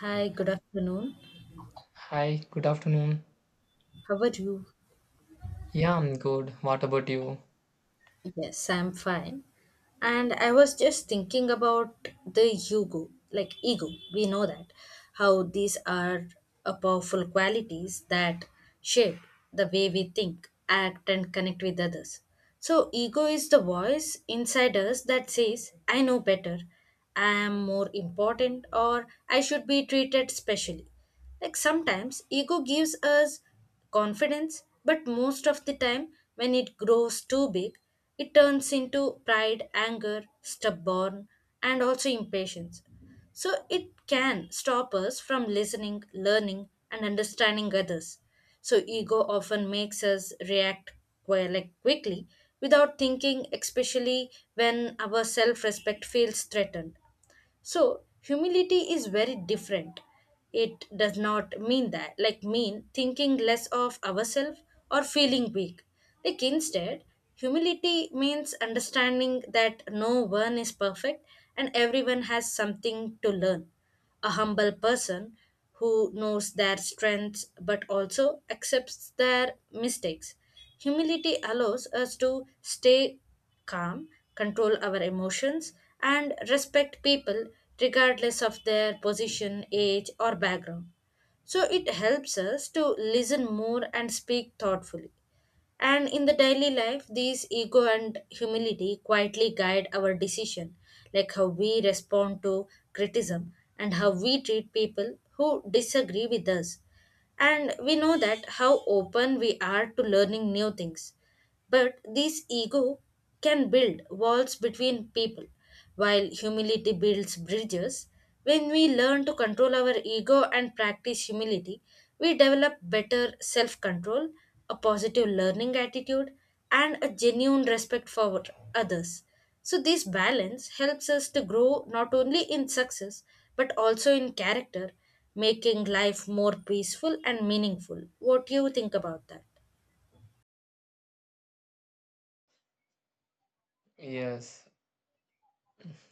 Hi, good afternoon. Hi, good afternoon. How are you? Yeah, I'm good. What about you? Yes, I'm fine. And I was just thinking about the ego, like ego. We know that how these are a powerful qualities that shape the way we think, act, and connect with others. So, ego is the voice inside us that says, I know better, I am more important, or I should be treated specially. Like sometimes ego gives us confidence, but most of the time, when it grows too big, it turns into pride, anger, stubborn, and also impatience. So it can stop us from listening, learning, and understanding others. So ego often makes us react quickly without thinking, especially when our self-respect feels threatened. So humility is very different. It does not mean that, like mean thinking less of ourselves or feeling weak. Like instead, humility means understanding that no one is perfect and everyone has something to learn. A humble person who knows their strengths but also accepts their mistakes. Humility allows us to stay calm, control our emotions, and respect people regardless of their position, age, or background. So it helps us to listen more and speak thoughtfully. And in the daily life, these ego and humility quietly guide our decision, like how we respond to criticism and how we treat people who disagree with us. And we know that how open we are to learning new things. But this ego can build walls between people, while humility builds bridges. When we learn to control our ego and practice humility, we develop better self control, a positive learning attitude, and a genuine respect for others. So, this balance helps us to grow not only in success but also in character, making life more peaceful and meaningful. What do you think about that? Yes,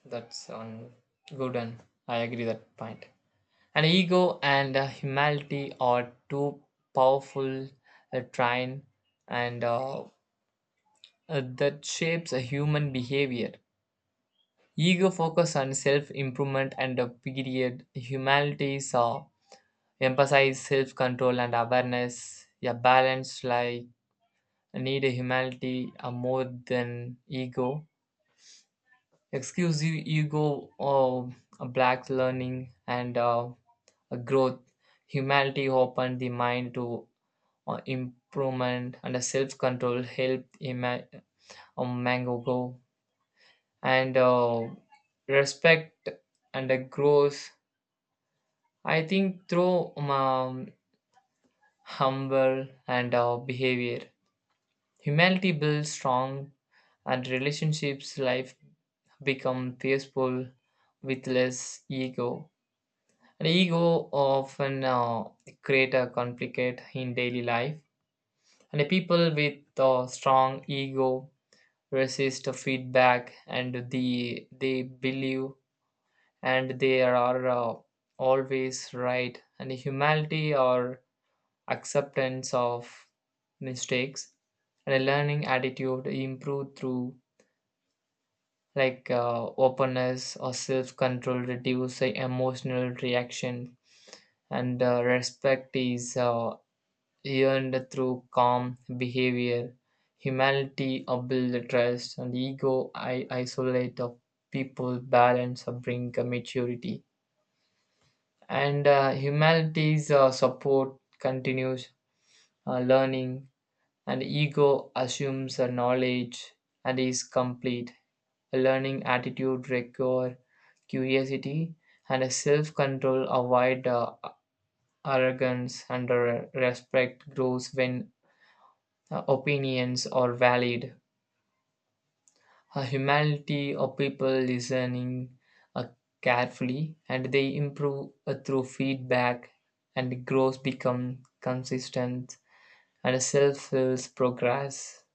that's on good and I agree that point. An ego and humility are two powerful train and that shapes a human behavior. Ego focus on self-improvement and a period. Humility emphasize self-control and awareness. A balance like need a humility more than ego excuse you ego or a black learning and a growth humanity opened the mind to improvement and a self-control helped mango grow and respect and a growth. I think through humble and behavior humanity builds strong and relationships life become peaceful with less ego. And ego often create a conflict in daily life. And people with a strong ego resist feedback and they believe and they are always right. And humility or acceptance of mistakes and a learning attitude improve through like openness or self-control reduce the emotional reaction and respect is earned through calm behavior, humility, builds trust, and isolate of people, balance, bring maturity. And humanity's support continues learning, and ego assumes knowledge and is complete. A learning attitude require curiosity and a self-control avoid arrogance and respect grows when opinions are valid. A humanity of people listening uh, carefully and they improve through feedback and growth become consistent and self-fills progress.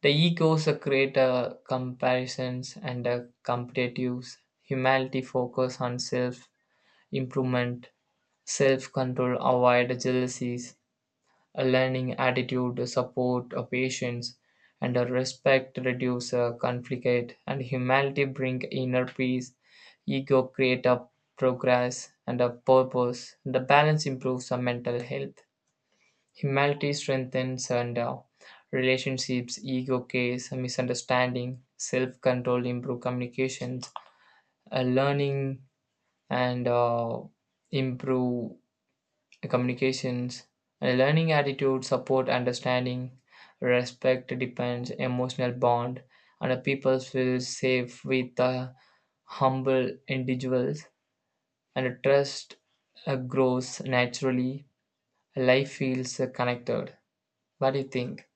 The egos create comparisons and competitives. Humanity focus on self-improvement, self-control, avoid jealousies. A learning attitude, support, a patience, and a respect reduce conflict, and humility bring inner peace. Ego create a progress and a purpose. The balance improves our mental health. Humility strengthens and relationships, ego case, misunderstanding, self-control, improve communications, learning and improve communications. A learning attitude support understanding, respect depends, emotional bond, and a people feel safe with the humble individuals, and a trust grows naturally. Life feels connected. What do you think?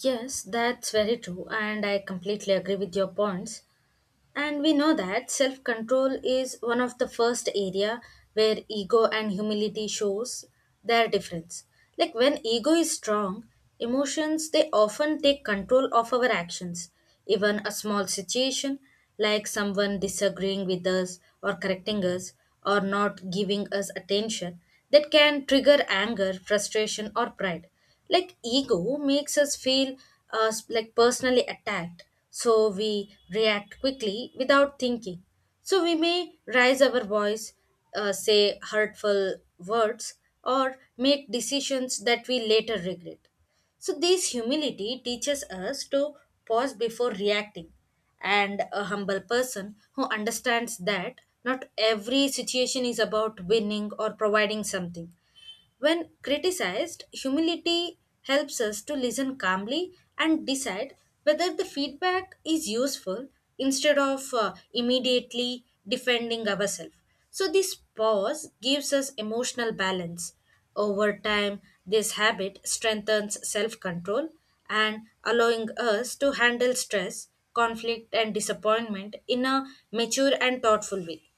Yes, that's very true, and I completely agree with your points. And we know that self control is one of the first area where ego and humility shows their difference. Like when ego is strong, emotions they often take control of our actions. Even a small situation like someone disagreeing with us or correcting us or not giving us attention that can trigger anger, frustration or pride. Like ego makes us feel like personally attacked, so we react quickly without thinking. So we may raise our voice, say hurtful words, or make decisions that we later regret. So this humility teaches us to pause before reacting. And a humble person who understands that not every situation is about winning or providing something. When criticized, humility helps us to listen calmly and decide whether the feedback is useful instead of immediately defending ourselves. So, this pause gives us emotional balance. Over time, this habit strengthens self control and allowing us to handle stress, conflict, and disappointment in a mature and thoughtful way.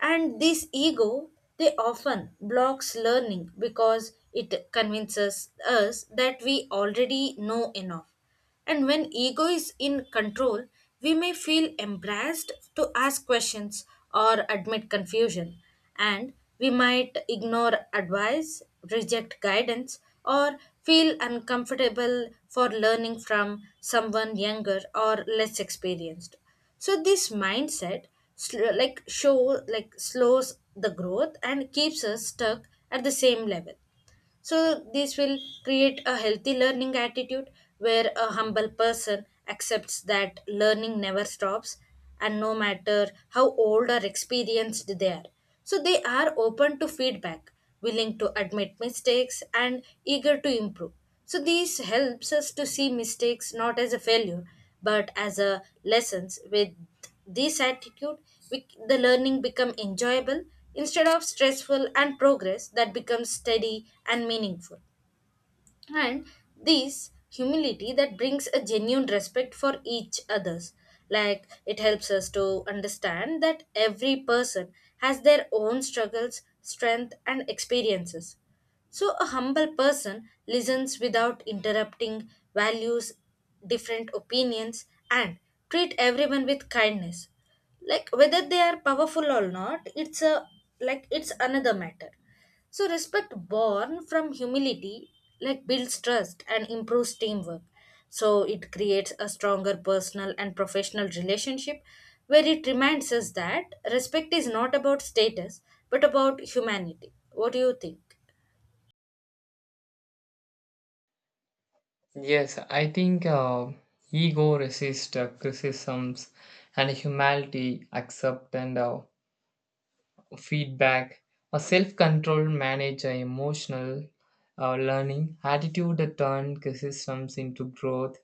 And this ego, they often blocks learning because it convinces us that we already know enough. And when ego is in control, we may feel embarrassed to ask questions or admit confusion. And we might ignore advice, reject guidance, or feel uncomfortable for learning from someone younger or less experienced. So this mindset sl- like show like slows the growth and keeps us stuck at the same level. So, this will create a healthy learning attitude where a humble person accepts that learning never stops, and no matter how old or experienced they are. So, they are open to feedback, willing to admit mistakes, and eager to improve. So, this helps us to see mistakes not as a failure but as a lessons. With this attitude, the learning become enjoyable instead of stressful, and progress that becomes steady and meaningful. And this humility that brings a genuine respect for each others. Like it helps us to understand that every person has their own struggles, strength and experiences. So, a humble person listens without interrupting, values different opinions, and treat everyone with kindness. Like whether they are powerful or not, it's a like it's another matter. So, respect born from humility like builds trust and improves teamwork. So, it creates a stronger personal and professional relationship where it reminds us that respect is not about status but about humanity. What do you think? Yes, I think ego resists criticisms, and humanity accept and feedback, a self-control manage a emotional learning attitude turn systems into growth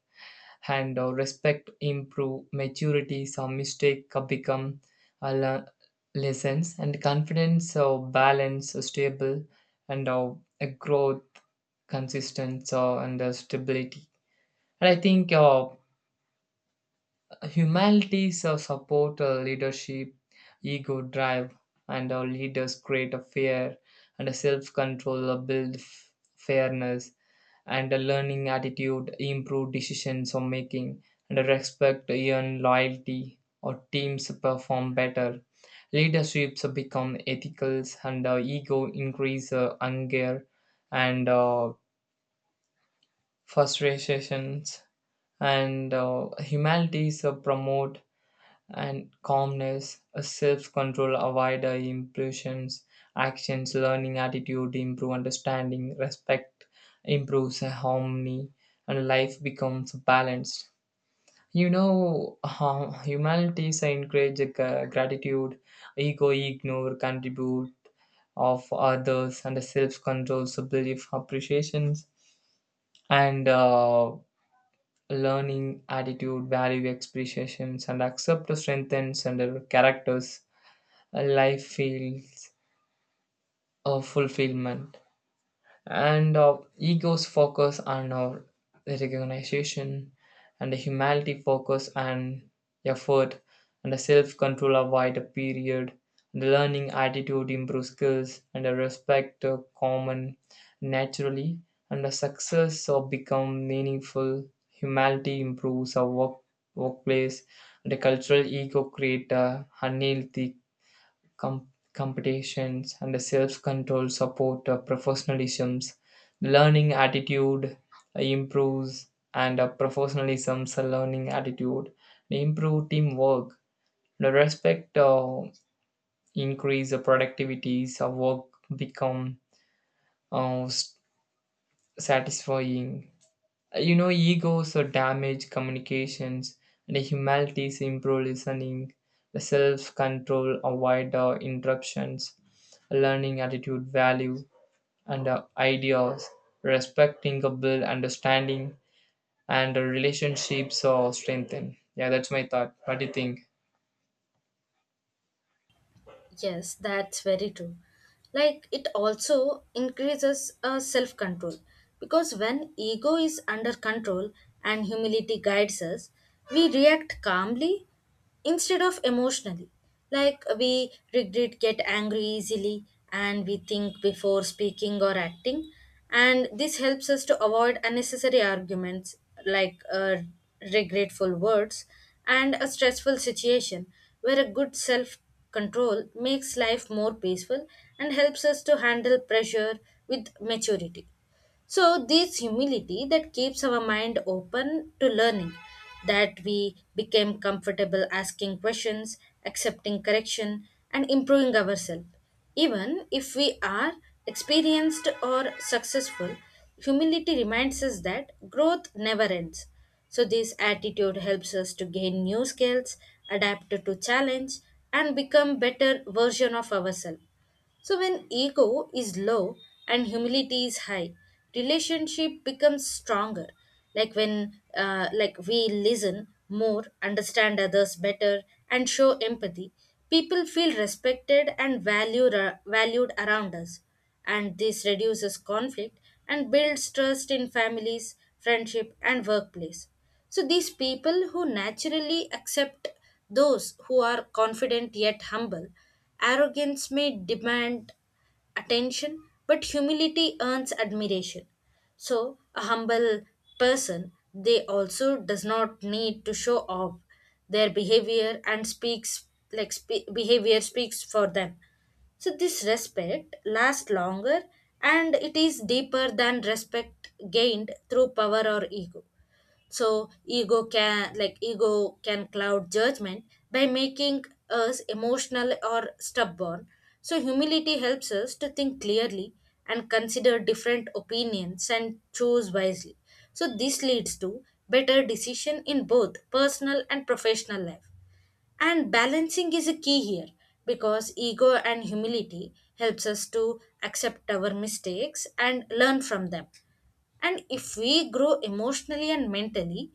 and respect improve maturity, some mistake become uh, le- lessons and confidence balance stable and a growth consistent and stability. And I think humanities support leadership, ego drive and our leaders create a fair and a self-control build fairness and a learning attitude improve decisions or making and a respect earn loyalty or teams perform better, leaderships become ethical and ego increase anger and frustrations and humanities promote and calmness, a self-control, avoid impulsions, actions, learning attitude, improve understanding, respect, improves harmony, and life becomes balanced. You know, humanity is encourage gratitude, ego ignore, contribute of others, and self-control, so belief, appreciations, and learning attitude, value expressions, and accept strengthens and characters, a life feels of fulfillment and ego's focus on our recognition and the humanity focus and effort and the self-control avoid a period, the learning attitude improves skills and the respect common naturally and the success of become meaningful, humanity improves our work, workplace and the cultural ego create a unhealthy competitions and self-control support professionalism, learning attitude improves and professionalism's learning attitude improve teamwork, the respect increase the productivities of work become uh, s- satisfying. You know, egos are damage communications, and humanities improve listening, the self control, avoid interruptions, learning attitude, value, and ideas, respecting a build understanding, and relationships are strengthened. Yeah, that's my thought. What do you think? Yes, that's very true. Like it also increases self control because when ego is under control and humility guides us, we react calmly instead of emotionally. Like we regret, get angry easily, and we think before speaking or acting, and this helps us to avoid unnecessary arguments, like regretful words and a stressful situation where a good self control makes life more peaceful and helps us to handle pressure with maturity. So, this humility that keeps our mind open to learning, that we became comfortable asking questions, accepting correction, and improving ourselves. Even if we are experienced or successful, humility reminds us that growth never ends. So, this attitude helps us to gain new skills, adapt to challenge, and become better version of ourselves. So, when ego is low and humility is high, relationship becomes stronger. Like when we listen more, understand others better, and show empathy, people feel respected and valued, valued around us, and this reduces conflict and builds trust in families, friendship, and workplace. So these people who naturally accept those who are confident yet humble, arrogance may demand attention, but humility earns admiration. So a humble person, they also does not need to show off their behavior and speaks behavior speaks for them. So this respect lasts longer and it is deeper than respect gained through power or ego. So ego can cloud judgment by making us emotional or stubborn. So humility helps us to think clearly and consider different opinions and choose wisely. So this leads to better decision in both personal and professional life. And balancing is a key here because ego and humility helps us to accept our mistakes and learn from them. And if we grow emotionally and mentally,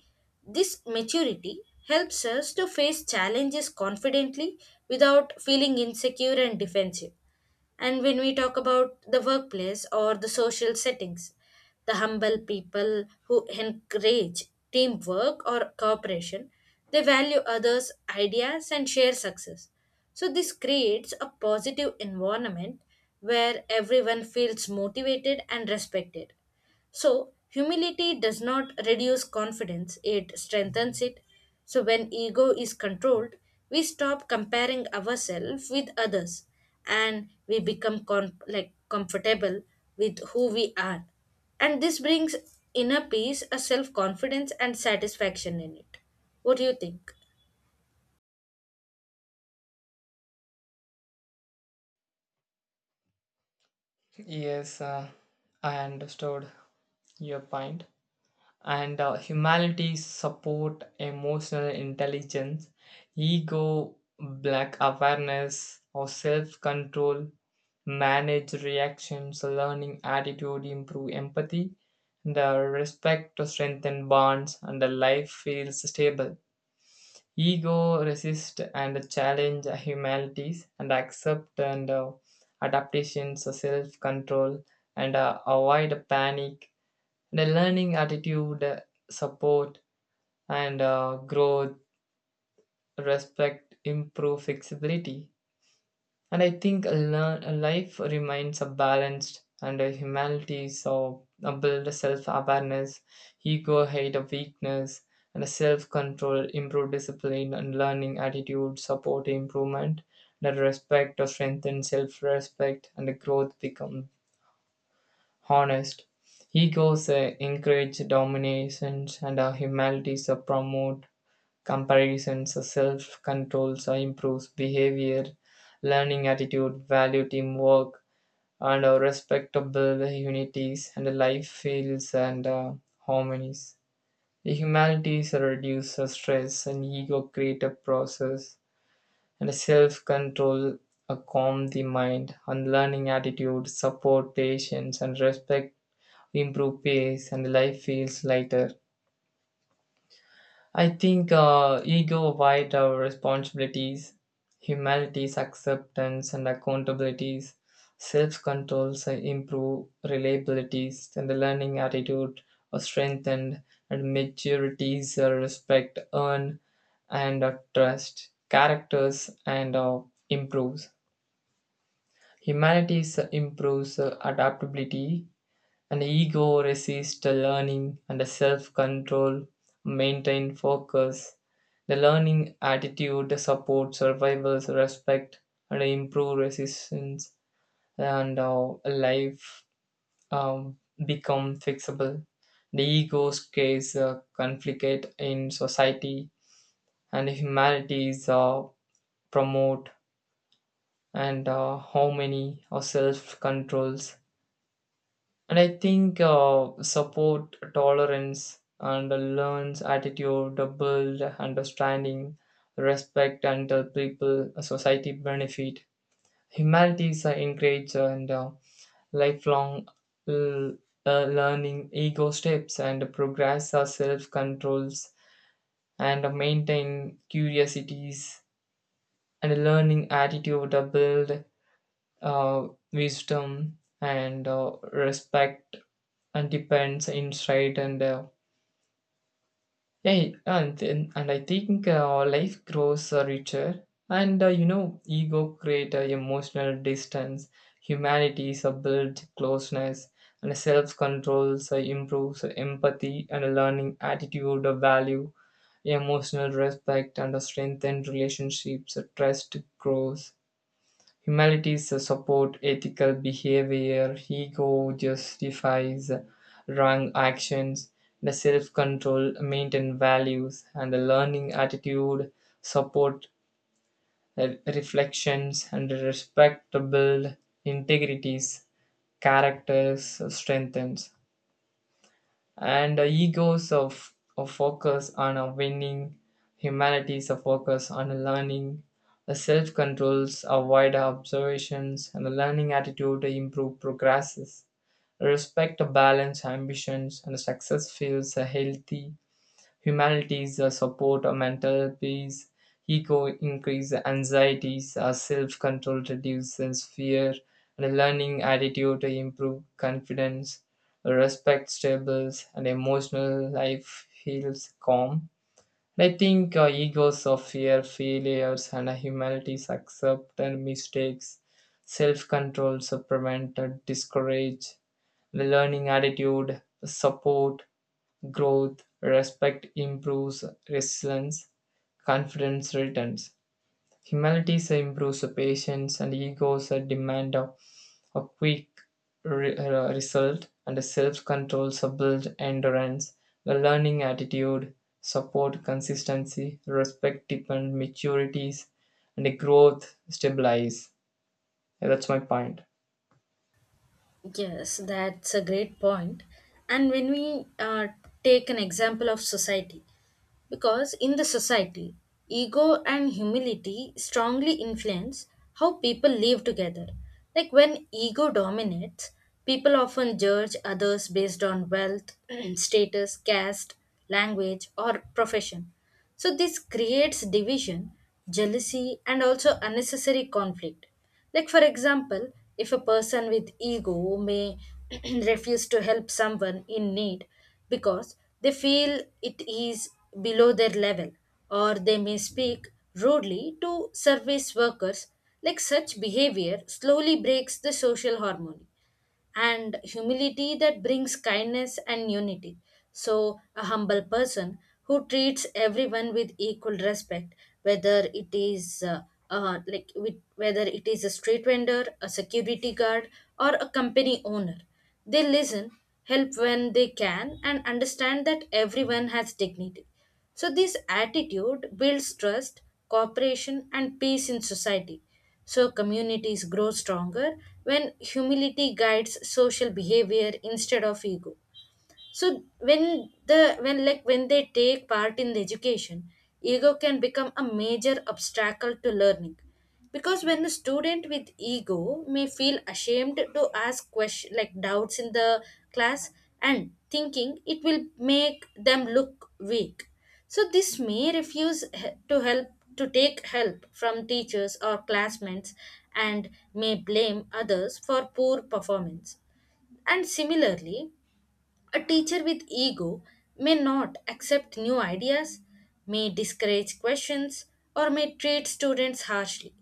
this maturity helps us to face challenges confidently without feeling insecure and defensive. And when we talk about the workplace or the social settings, the humble people who encourage teamwork or cooperation, they value others' ideas and share success. So, this creates a positive environment where everyone feels motivated and respected. So, humility does not reduce confidence, it strengthens it. So, when ego is controlled, we stop comparing ourselves with others and we become comfortable with who we are. And this brings inner peace, a self confidence, and satisfaction in it. What do you think? Yes, I understood your point. And humanities support emotional intelligence, ego, black awareness, or self control, manage reactions, learning attitude, improve empathy, the respect to strengthen bonds, and the life feels stable. Ego resist and challenge humanities and accept and adaptations, self control, and avoid panic. The learning attitude support and growth, respect, improve flexibility. And I think learn, life remains a balanced and a humanity. So build self awareness, ego hate a weakness, and a self control, improve discipline and learning attitude, support improvement. That respect or strengthen self respect and the growth become honest. Egos encourage dominations and our humanities promote comparisons, self control improves behavior, learning attitude, value teamwork, and respectable unities, and life feels and harmonies. The humanities reduce stress and ego creative process, and self control calm the mind, and learning attitude support patience and respect improve pace, and life feels lighter. I think ego avoid our responsibilities, humanities, acceptance and accountabilities, self-controls improve, reliabilities and the learning attitude are strengthened and maturities respect, earn and trust, characters and improves. Humanities improves adaptability, an ego resists the learning and the self control maintain focus. The learning attitude supports survivor's respect and improve resistance and life um, become fixable. The ego's case conflict in society and humanities promote and how many or self controls. And I think support, tolerance, and a learns attitude, a build understanding, respect, and people, a society benefit. Humanities are encouraged and lifelong l- learning, ego steps, and progress are self controls, and maintain curiosities and a learning attitude, a build wisdom and respect and depends insight and yeah and then- and I think life grows richer and you know ego create emotional distance, humanity builds closeness and self control improves empathy and learning attitude of value emotional respect and strengthened relationships, trust grows. Humanities support ethical behavior, ego justifies wrong actions, the self control maintain values, and the learning attitude support reflections and respectable integrities, characters strengthens and egos of focus on a winning, humanities a focus on a learning, the self controls a wider observations and the learning attitude improve progresses, respect a balance ambitions and success feels a healthy. Humanities support mental peace, ego increase anxieties, self control reduces fear, and learning attitude to improve confidence, respect stables, and emotional life feels calm. And I think egos of fear, failures, and humanities accept and mistakes. Self control, prevent, discourage, the learning attitude, support, growth, respect improves resilience, confidence returns. Humility improves patience, and egos demand a quick result, and self control build endurance. The learning attitude support consistency, respect depend maturities, and growth stabilize. Yeah, that's my point. Yes, that's a great point. And when we take an example of society, because in the society, ego and humility strongly influence how people live together. Like when ego dominates, people often judge others based on wealth, status, caste, language, or profession. So this creates division, jealousy, and also unnecessary conflict. Like, for example, if a person with ego may refuse to help someone in need because they feel it is below their level, or they may speak rudely to service workers, like such behavior slowly breaks the social harmony, and humility that brings kindness and unity. So, a humble person who treats everyone with equal respect, whether it is whether it is a street vendor, a security guard, or a company owner, they listen, help when they can, and understand that everyone has dignity. So, this attitude builds trust, cooperation, and peace in society. So communities grow stronger when humility guides social behavior instead of ego. So when they take part in the education, ego can become a major obstacle to learning. Because when a student with ego may feel ashamed to ask question like doubts in the class and thinking it will make them look weak. So this may refuse to help, to take help from teachers or classmates, and may blame others for poor performance. And similarly, a teacher with ego may not accept new ideas, may discourage questions, or may treat students harshly.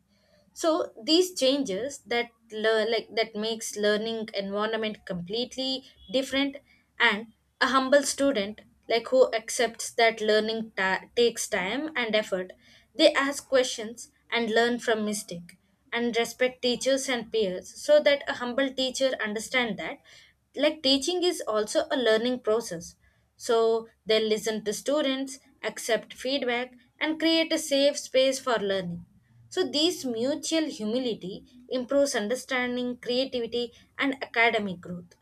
So these changes that that makes learning environment completely different. And a humble student like who accepts that learning takes time and effort, they ask questions and learn from mistake and respect teachers and peers. So that a humble teacher understand that like teaching is also a learning process, so they listen to students, accept feedback, and create a safe space for learning. So, these mutual humility improves understanding, creativity, and academic growth.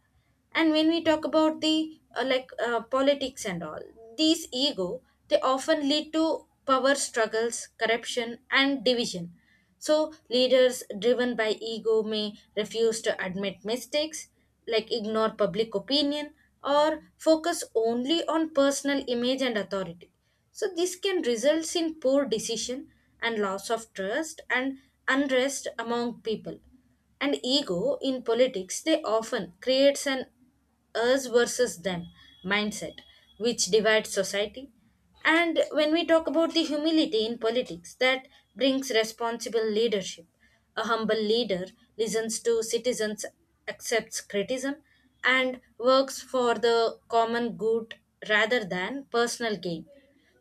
And when we talk about the politics and all, these ego they often lead to power struggles, corruption and division. So leaders driven by ego may refuse to admit mistakes, like ignore public opinion or focus only on personal image and authority. So this can result in poor decision and loss of trust and unrest among people. And ego in politics, they often creates an us versus them mindset, which divides society. And when we talk about the humility in politics, that brings responsible leadership. A humble leader listens to citizens, accepts criticism, and works for the common good rather than personal gain.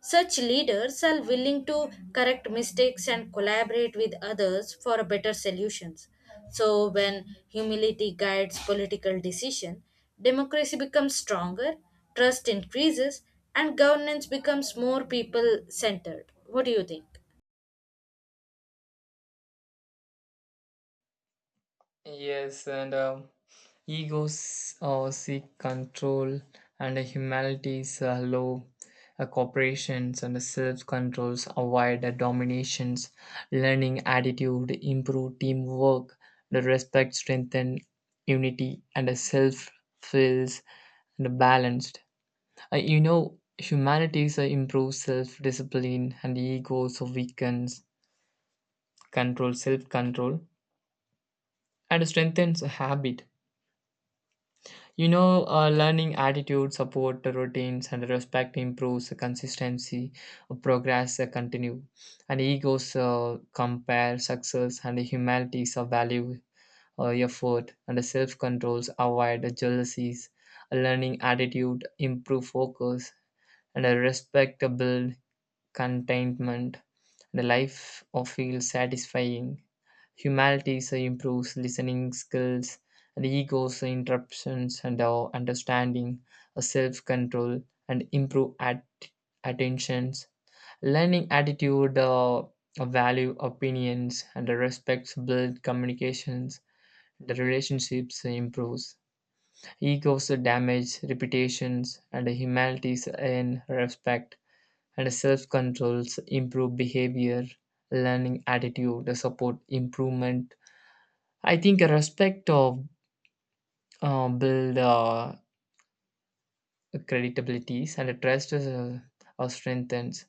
Such leaders are willing to correct mistakes and collaborate with others for better solutions. So when humility guides political decision, democracy becomes stronger, trust increases, and governance becomes more people centered. What do you think? Yes, and egos seek control, and humanity's low corporations and self controls avoid dominations. Learning attitude improve teamwork. The respect strengthen unity, and the self feels and balanced. You know, humanities improve self discipline, and egos weakens control, self control, and strengthens habit. You know, learning attitude, support the routines, and respect improves the consistency, progress continue, and egos compare success and humanities of value, effort, and the self controls avoid the jealousies. A learning attitude improve focus, and a respectable contentment. The life of feel satisfying. Humility so improves listening skills, and ego so interruptions and our understanding, a self control, and improve at attentions. Learning attitude, value opinions, and respects build communications. The relationships so improves. Egos damage reputations, and humanities in respect and self controls improve behavior. Learning attitude support improvement. I think a respect of build creditabilities and a trust strengthens.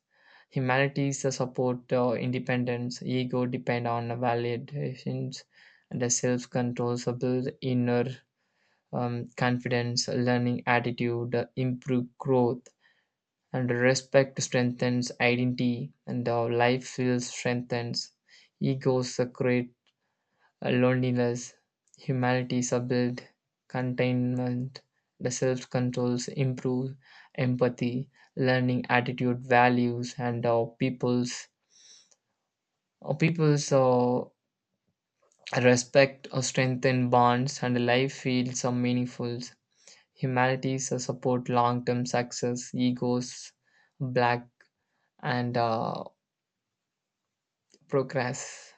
Humanities support independence, ego depend on validations, and the self-control so build inner confidence, learning attitude, improve growth, and respect strengthens identity, and life feels strengthens. Egos create loneliness, humanity, subdued containment, the self controls improve empathy, learning attitude, values, and people's respect or strengthen bonds, and life feels meaningful. Humanities support long term success, egos, black, and progress.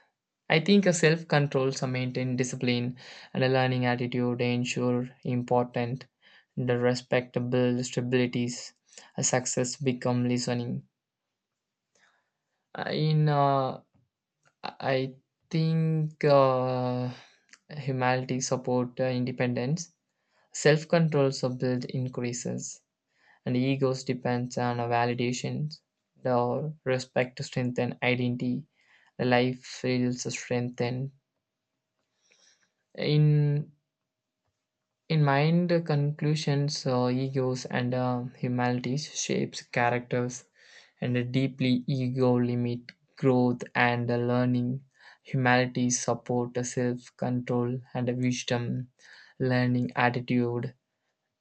I think a self control, some maintain discipline, and a learning attitude ensure important, the respectable stabilities. A success become listening. In I think humanity support independence. Self control so build increases, and egos depends on a validation. The respect to strengthen identity. The life feels strengthened in. In mind, conclusions, egos, and humanities shapes characters, and a deeply ego limit growth and learning. Humanities support self-control and wisdom, learning attitude,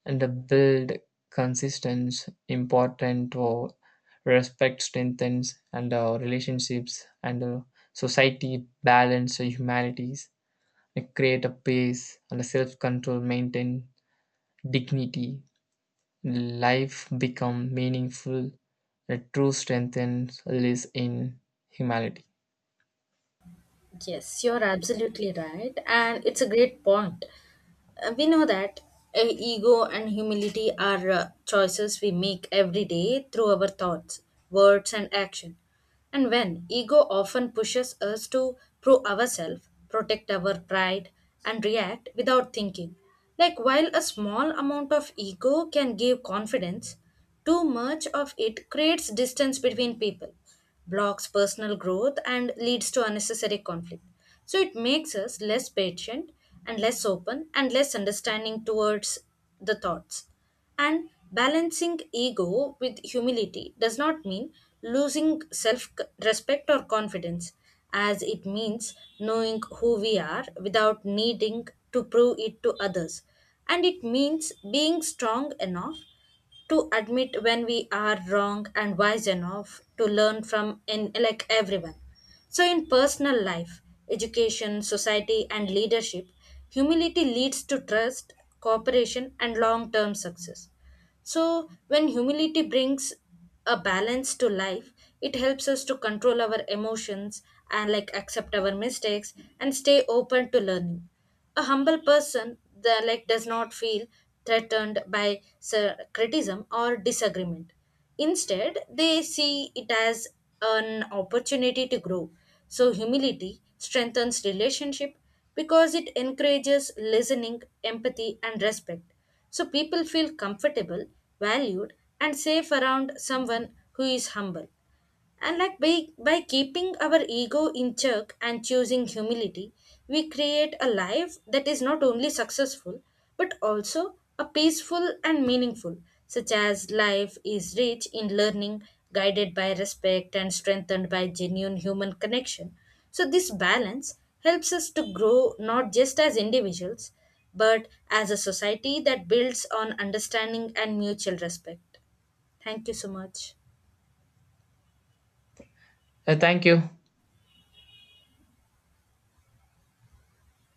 and build consistence. Important for respect strengthens and relationships and society balance humanities, and create a pace and a self-control maintain dignity, life become meaningful, a true strength and lives in humanity. Yes, you're absolutely right, and it's a great point. We know that ego and humility are choices we make every day through our thoughts, words, and action. And when ego often pushes us to prove ourselves, protect our pride, and react without thinking. Like while a small amount of ego can give confidence, too much of it creates distance between people, blocks personal growth, and leads to unnecessary conflict. So it makes us less patient and less open and less understanding towards the thoughts. And balancing ego with humility does not mean losing self respect or confidence, as it means knowing who we are without needing to prove it to others. And it means being strong enough to admit when we are wrong and wise enough to learn from in like everyone. So in personal life, education, society and leadership, humility leads to trust, cooperation and long term success. So, when humility brings a balance to life, it helps us to control our emotions and like accept our mistakes and stay open to learning. A humble person that like does not feel threatened by sir, criticism or disagreement. Instead, they see it as an opportunity to grow. So humility strengthens relationship because it encourages listening, empathy and respect. So people feel comfortable, valued, and safe around someone who is humble. And like by keeping our ego in check and choosing humility, we create a life that is not only successful but also a peaceful and meaningful, such as life is rich in learning, guided by respect and strengthened by genuine human connection. So this balance helps us to grow not just as individuals but as a society that builds on understanding and mutual respect. Thank you so much. Thank you.